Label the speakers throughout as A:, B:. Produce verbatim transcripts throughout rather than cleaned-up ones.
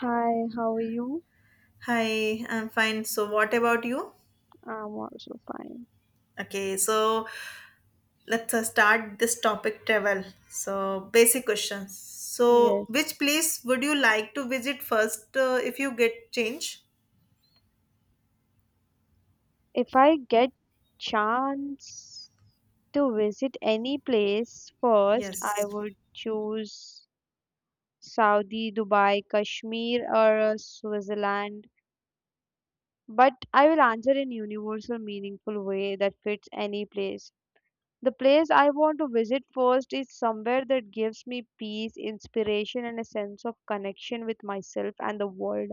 A: Hi, how are you?
B: Hi, I'm fine. So, what about you?
A: I'm also fine.
B: Okay, so let's uh, start this topic travel. So, basic questions. So,
A: Yes.
B: which place would you like to visit first uh, if you get change?
A: If I get chance to visit any place first, I
B: Yes.
A: would choose Saudi, Dubai, Kashmir, or uh, Switzerland. But I will answer in universal, meaningful way that fits any place. The place I want to visit first is somewhere that gives me peace, inspiration, and a sense of connection with myself and the world.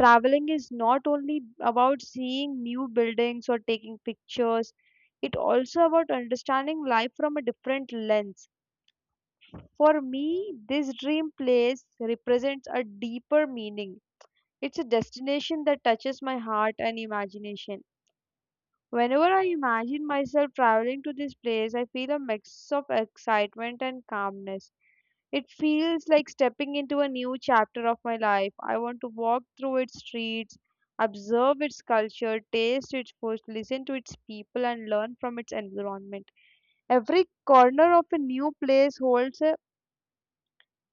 A: Traveling is not only about seeing new buildings or taking pictures, it also about understanding life from a different lens. For me, this dream place represents a deeper meaning. It's a destination that touches my heart and imagination. Whenever I imagine myself traveling to this place, I feel a mix of excitement and calmness. It feels like stepping into a new chapter of my life. I want to walk through its streets, observe its culture, taste its food, listen to its people, and learn from its environment. Every corner of a new place holds a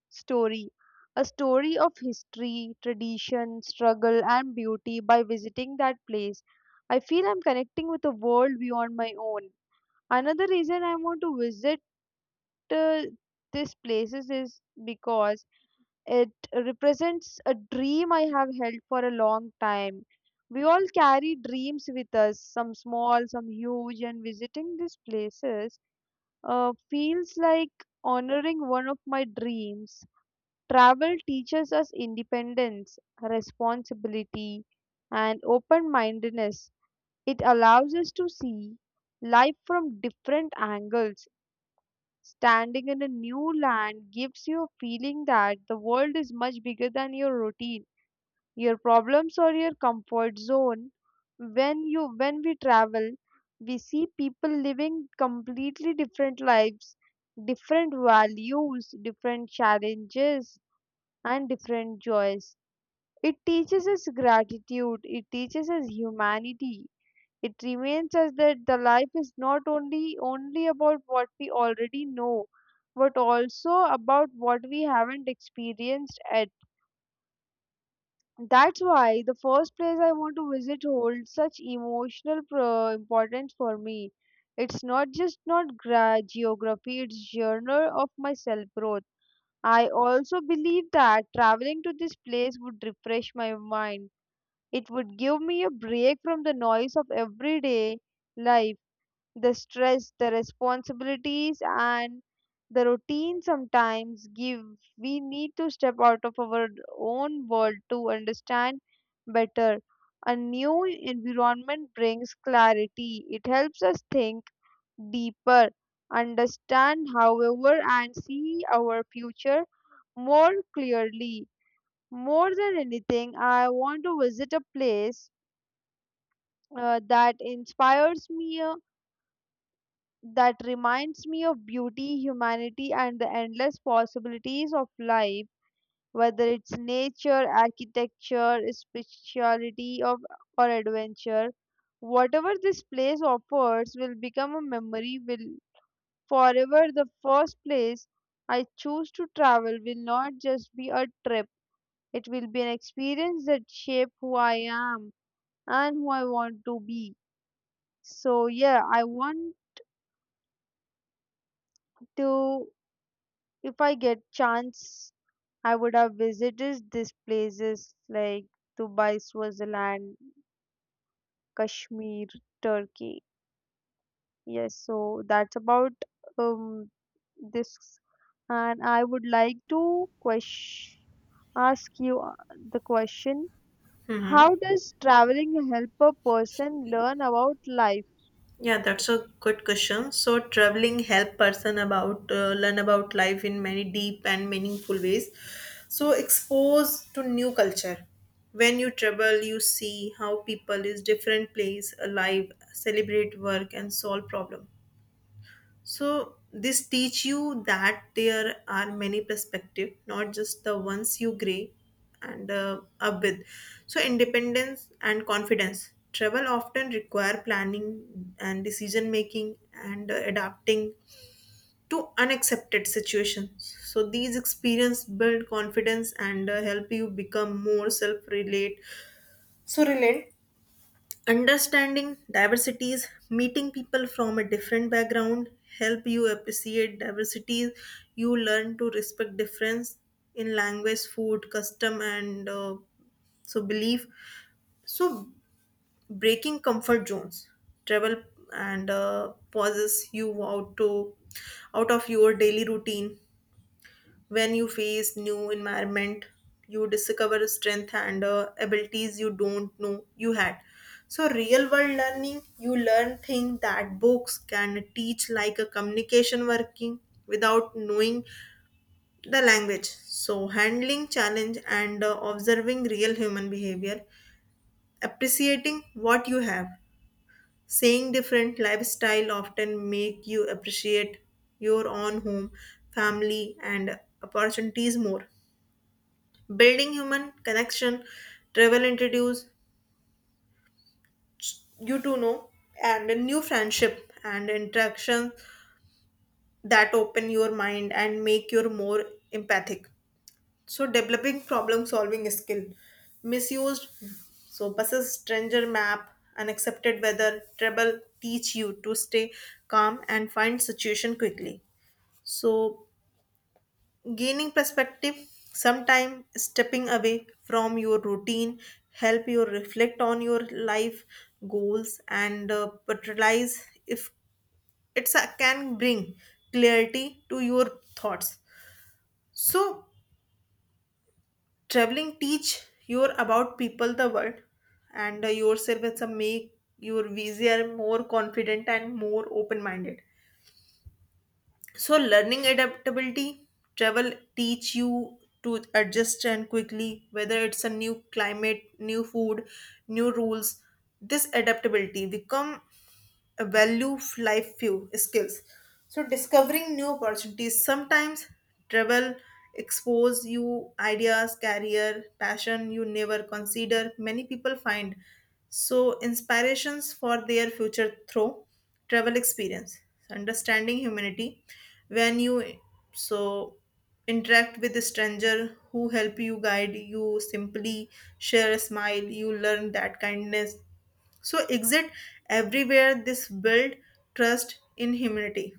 A: story. A story of history, tradition, struggle, and beauty. By visiting that place, I feel I'm connecting with a world beyond my own. Another reason I want to visit uh, these places is because it represents a dream I have held for a long time. We all carry dreams with us, some small, some huge, and visiting these places uh, feels like honoring one of my dreams. Travel teaches us independence, responsibility, and open mindedness. It allows us to see life from different angles. Standing in a new land gives you a feeling that the world is much bigger than your routine, your problems or your comfort zone. When you when we travel, we see people living completely different lives, different values, different challenges and different joys. It teaches us gratitude, it teaches us humanity, it reminds us that the life is not only only about what we already know, but also about what we haven't experienced yet. That's why the first place I want to visit holds such emotional pro- importance for me. It's not just not gra- geography, it's journal of my self growth. I also believe that traveling to this place would refresh my mind. It would give me a break from the noise of everyday life, the stress, the responsibilities, and the routine sometimes give, we need to step out of our own world to understand better. A new environment brings clarity. It helps us think deeper, understand, however, and see our future more clearly. More than anything, I want to visit a place uh, that inspires me, that reminds me of beauty, humanity, and the endless possibilities of life, whether it's nature, architecture, spirituality, of, or adventure. Whatever this place offers will become a memory, will forever. The first place I choose to travel will not just be a trip, it will be an experience that shape who I am and who I want to be. So yeah, I want to, if I get chance, I would have visited these places like Dubai, Switzerland, Kashmir, Turkey. Yes, so that's about um, this. And I would like to ques- ask you uh, the question,
B: Mm-hmm.
A: how does traveling help a person learn about life?
B: Yeah, that's a good question. So traveling help person about uh, learn about life in many deep and meaningful ways. So expose to new culture. When you travel, you see how people is different place alive, celebrate work and solve problem. So this teach you that there are many perspective, not just the ones you gray and uh, up with. So independence and confidence. Travel often require planning and decision making and uh, adapting to unaccepted situations. So these experience build confidence and uh, help you become more self-relate. So relate understanding diversities meeting people from a different background help you appreciate diversities, you learn to respect difference in language food custom and uh, so belief, so breaking comfort zones travel and uh, pauses you out to out of your daily routine. When you face new environment you discover strength and uh, abilities you don't know you had. So real world learning, you learn things that books can teach like a communication working without knowing the language, so handling challenge and uh, observing real human behavior, appreciating what you have, saying different lifestyle often make you appreciate your own home, family and opportunities more, building human connection. Travel introduce you to know and a new friendship and interaction that open your mind and make you more empathic. So developing problem solving skill, misused, so buses stranger map, unaccepted weather trouble teach you to stay calm and find situation quickly. So gaining perspective, sometime stepping away from your routine help you reflect on your life goals and uh, but realize if it's a, can bring clarity to your thoughts. So traveling teach you about people the world and uh, yourself, it's a make your easier more confident and more open minded. So, learning adaptability, travel teach you to adjust and quickly, whether it's a new climate, new food, new rules. This adaptability become value life few skills. So discovering new opportunities, sometimes travel expose you ideas, career, passion you never consider. Many people find so inspirations for their future through travel experience. Understanding humanity when you so interact with a stranger who help you guide you simply share a smile, you learn that kindness so exit everywhere, this build trust in humanity.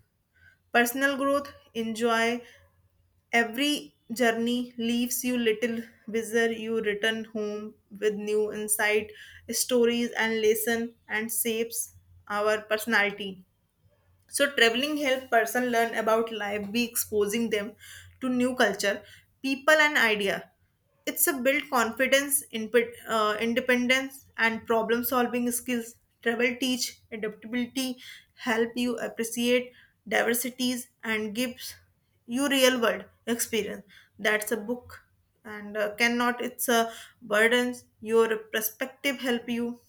B: Personal growth, enjoy every journey leaves you little wiser, you return home with new insight, stories and lesson and shapes our personality. So traveling help person learn about life, be exposing them to new culture, people and idea. It's a build confidence, input, uh, independence and problem solving skills. Travel teach adaptability, help you appreciate diversities and gives you real world experience. That's a book and uh, cannot it's a burdens your perspective, help you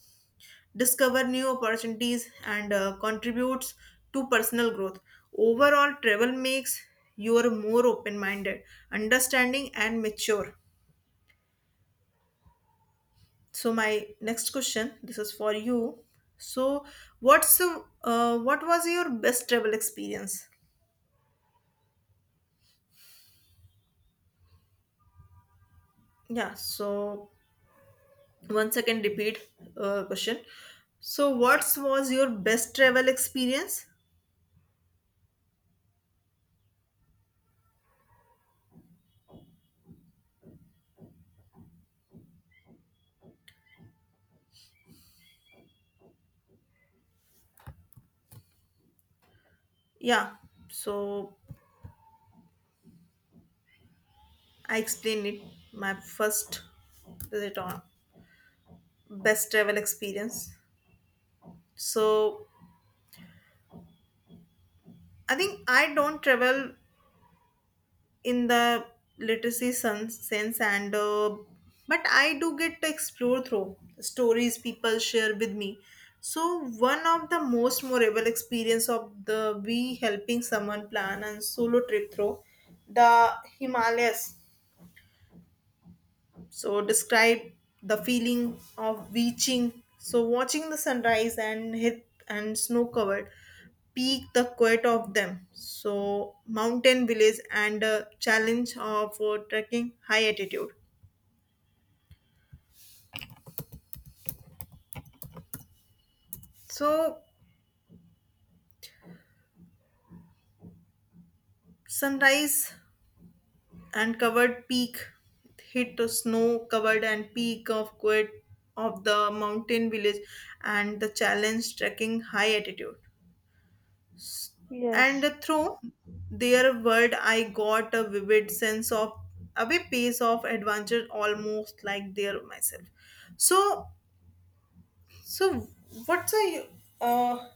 B: discover new opportunities and uh, contributes to personal growth. Overall travel makes you are more open minded, understanding and mature. So my next question, this is for you. So what's the- uh, what was your best travel experience? Yeah, so once again repeat uh, question. So what was your best travel experience? Yeah, so I explained it my first visit on best travel experience. So I think I don't travel in the literacy sen- sense, and uh, but I do get to explore through stories people share with me. So one of the most memorable experience of the we helping someone plan and solo trip through the Himalayas. So describe the feeling of reaching. So watching the sunrise and hit and snow covered peak, the quiet of them. So mountain village and a challenge of uh, trekking high altitude. So sunrise and covered peak hit the snow covered and peak of quiet of the mountain village and the challenge trekking high altitude.
A: Yes.
B: And through their word I got a vivid sense of of a pace of adventure almost like there myself. So so what's a uh,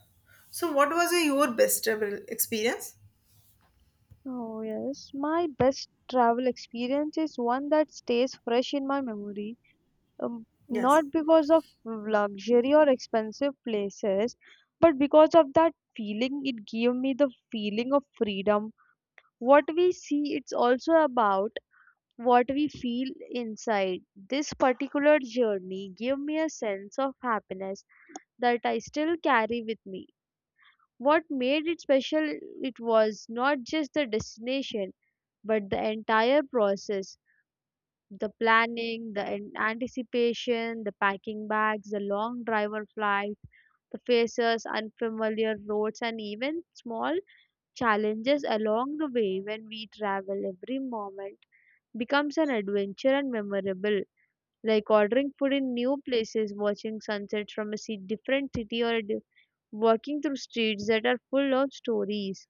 B: so what was a, your best travel experience?
A: Oh, yes. My best travel experience is one that stays fresh in my memory, um,
B: yes
A: not because of luxury or expensive places, but because of that feeling. It gave me the feeling of freedom. What we see, it's also about what we feel inside. This particular journey gave me a sense of happiness that I still carry with me. What made it special, it was not just the destination, but the entire process, the planning, the an- anticipation, the packing bags, the long driver flight, the faces, unfamiliar roads, and even small challenges along the way. When we travel, every moment becomes an adventure and memorable. Like ordering food in new places, watching sunsets from a ci- different city, or a di- walking through streets that are full of stories.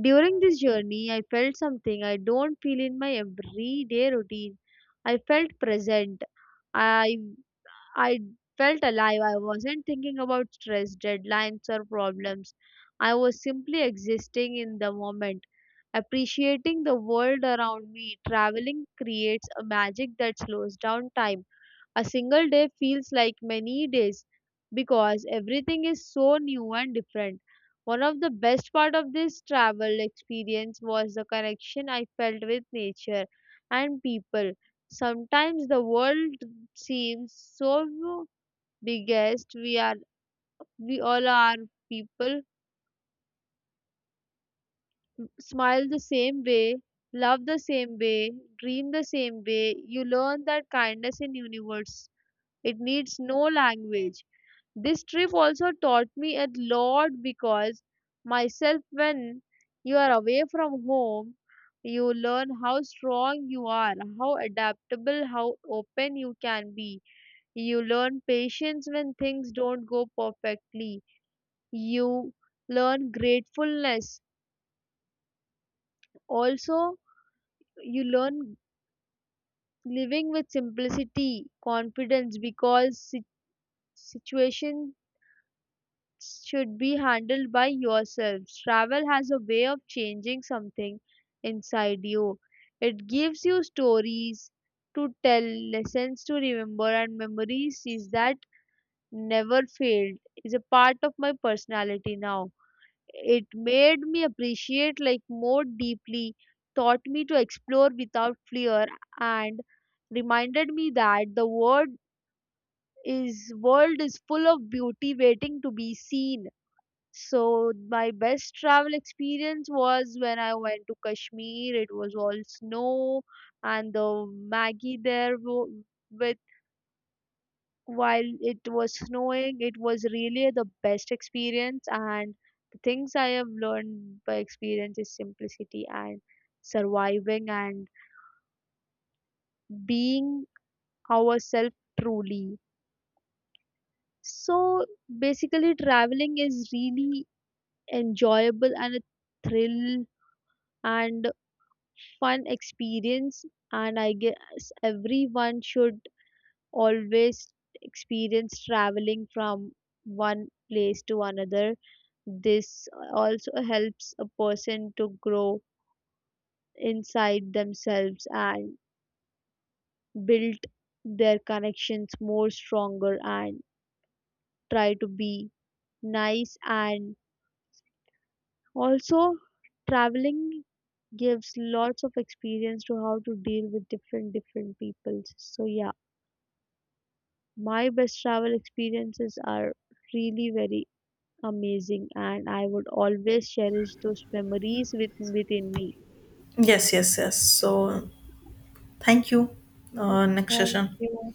A: During this journey, I felt something I don't feel in my everyday routine. I felt present. I I felt alive. I wasn't thinking about stress, deadlines, or problems. I was simply existing in the moment, appreciating the world around me. Traveling creates a magic that slows down time. A single day feels like many days because everything is so new and different. One of the best part of this travel experience was the connection I felt with nature and people. Sometimes the world seems so biggest, we are, we all are people, smile the same way, love the same way, dream the same way. You learn that kindness in universe, it needs no language. This trip also taught me a lot because myself, when you are away from home, you learn how strong you are, how adaptable, how open you can be. You learn patience when things don't go perfectly. You learn gratefulness. Also, you learn living with simplicity, confidence, because si- situations should be handled by yourselves. Travel has a way of changing something inside you. It gives you stories to tell, lessons to remember, and memories is that never failed, is a part of my personality now. It made me appreciate like more deeply, taught me to explore without fear, and reminded me that the world is world is full of beauty waiting to be seen. So my best travel experience was when I went to Kashmir. It was all snow, and the Maggie there wo- with, while it was snowing, it was really the best experience. And the things I have learned by experience is simplicity and surviving and being ourselves truly. So basically, traveling is really enjoyable and a thrill and fun experience, and I guess everyone should always experience traveling from one place to another. This also helps a person to grow inside themselves and build their connections more stronger and try to be nice. And also traveling gives lots of experience to how to deal with different different peoples. So yeah, my best travel experiences are really very amazing, and I would always cherish those memories with, within me.
B: yes yes yes So thank you. Uh, next
A: Thank
B: session.
A: you.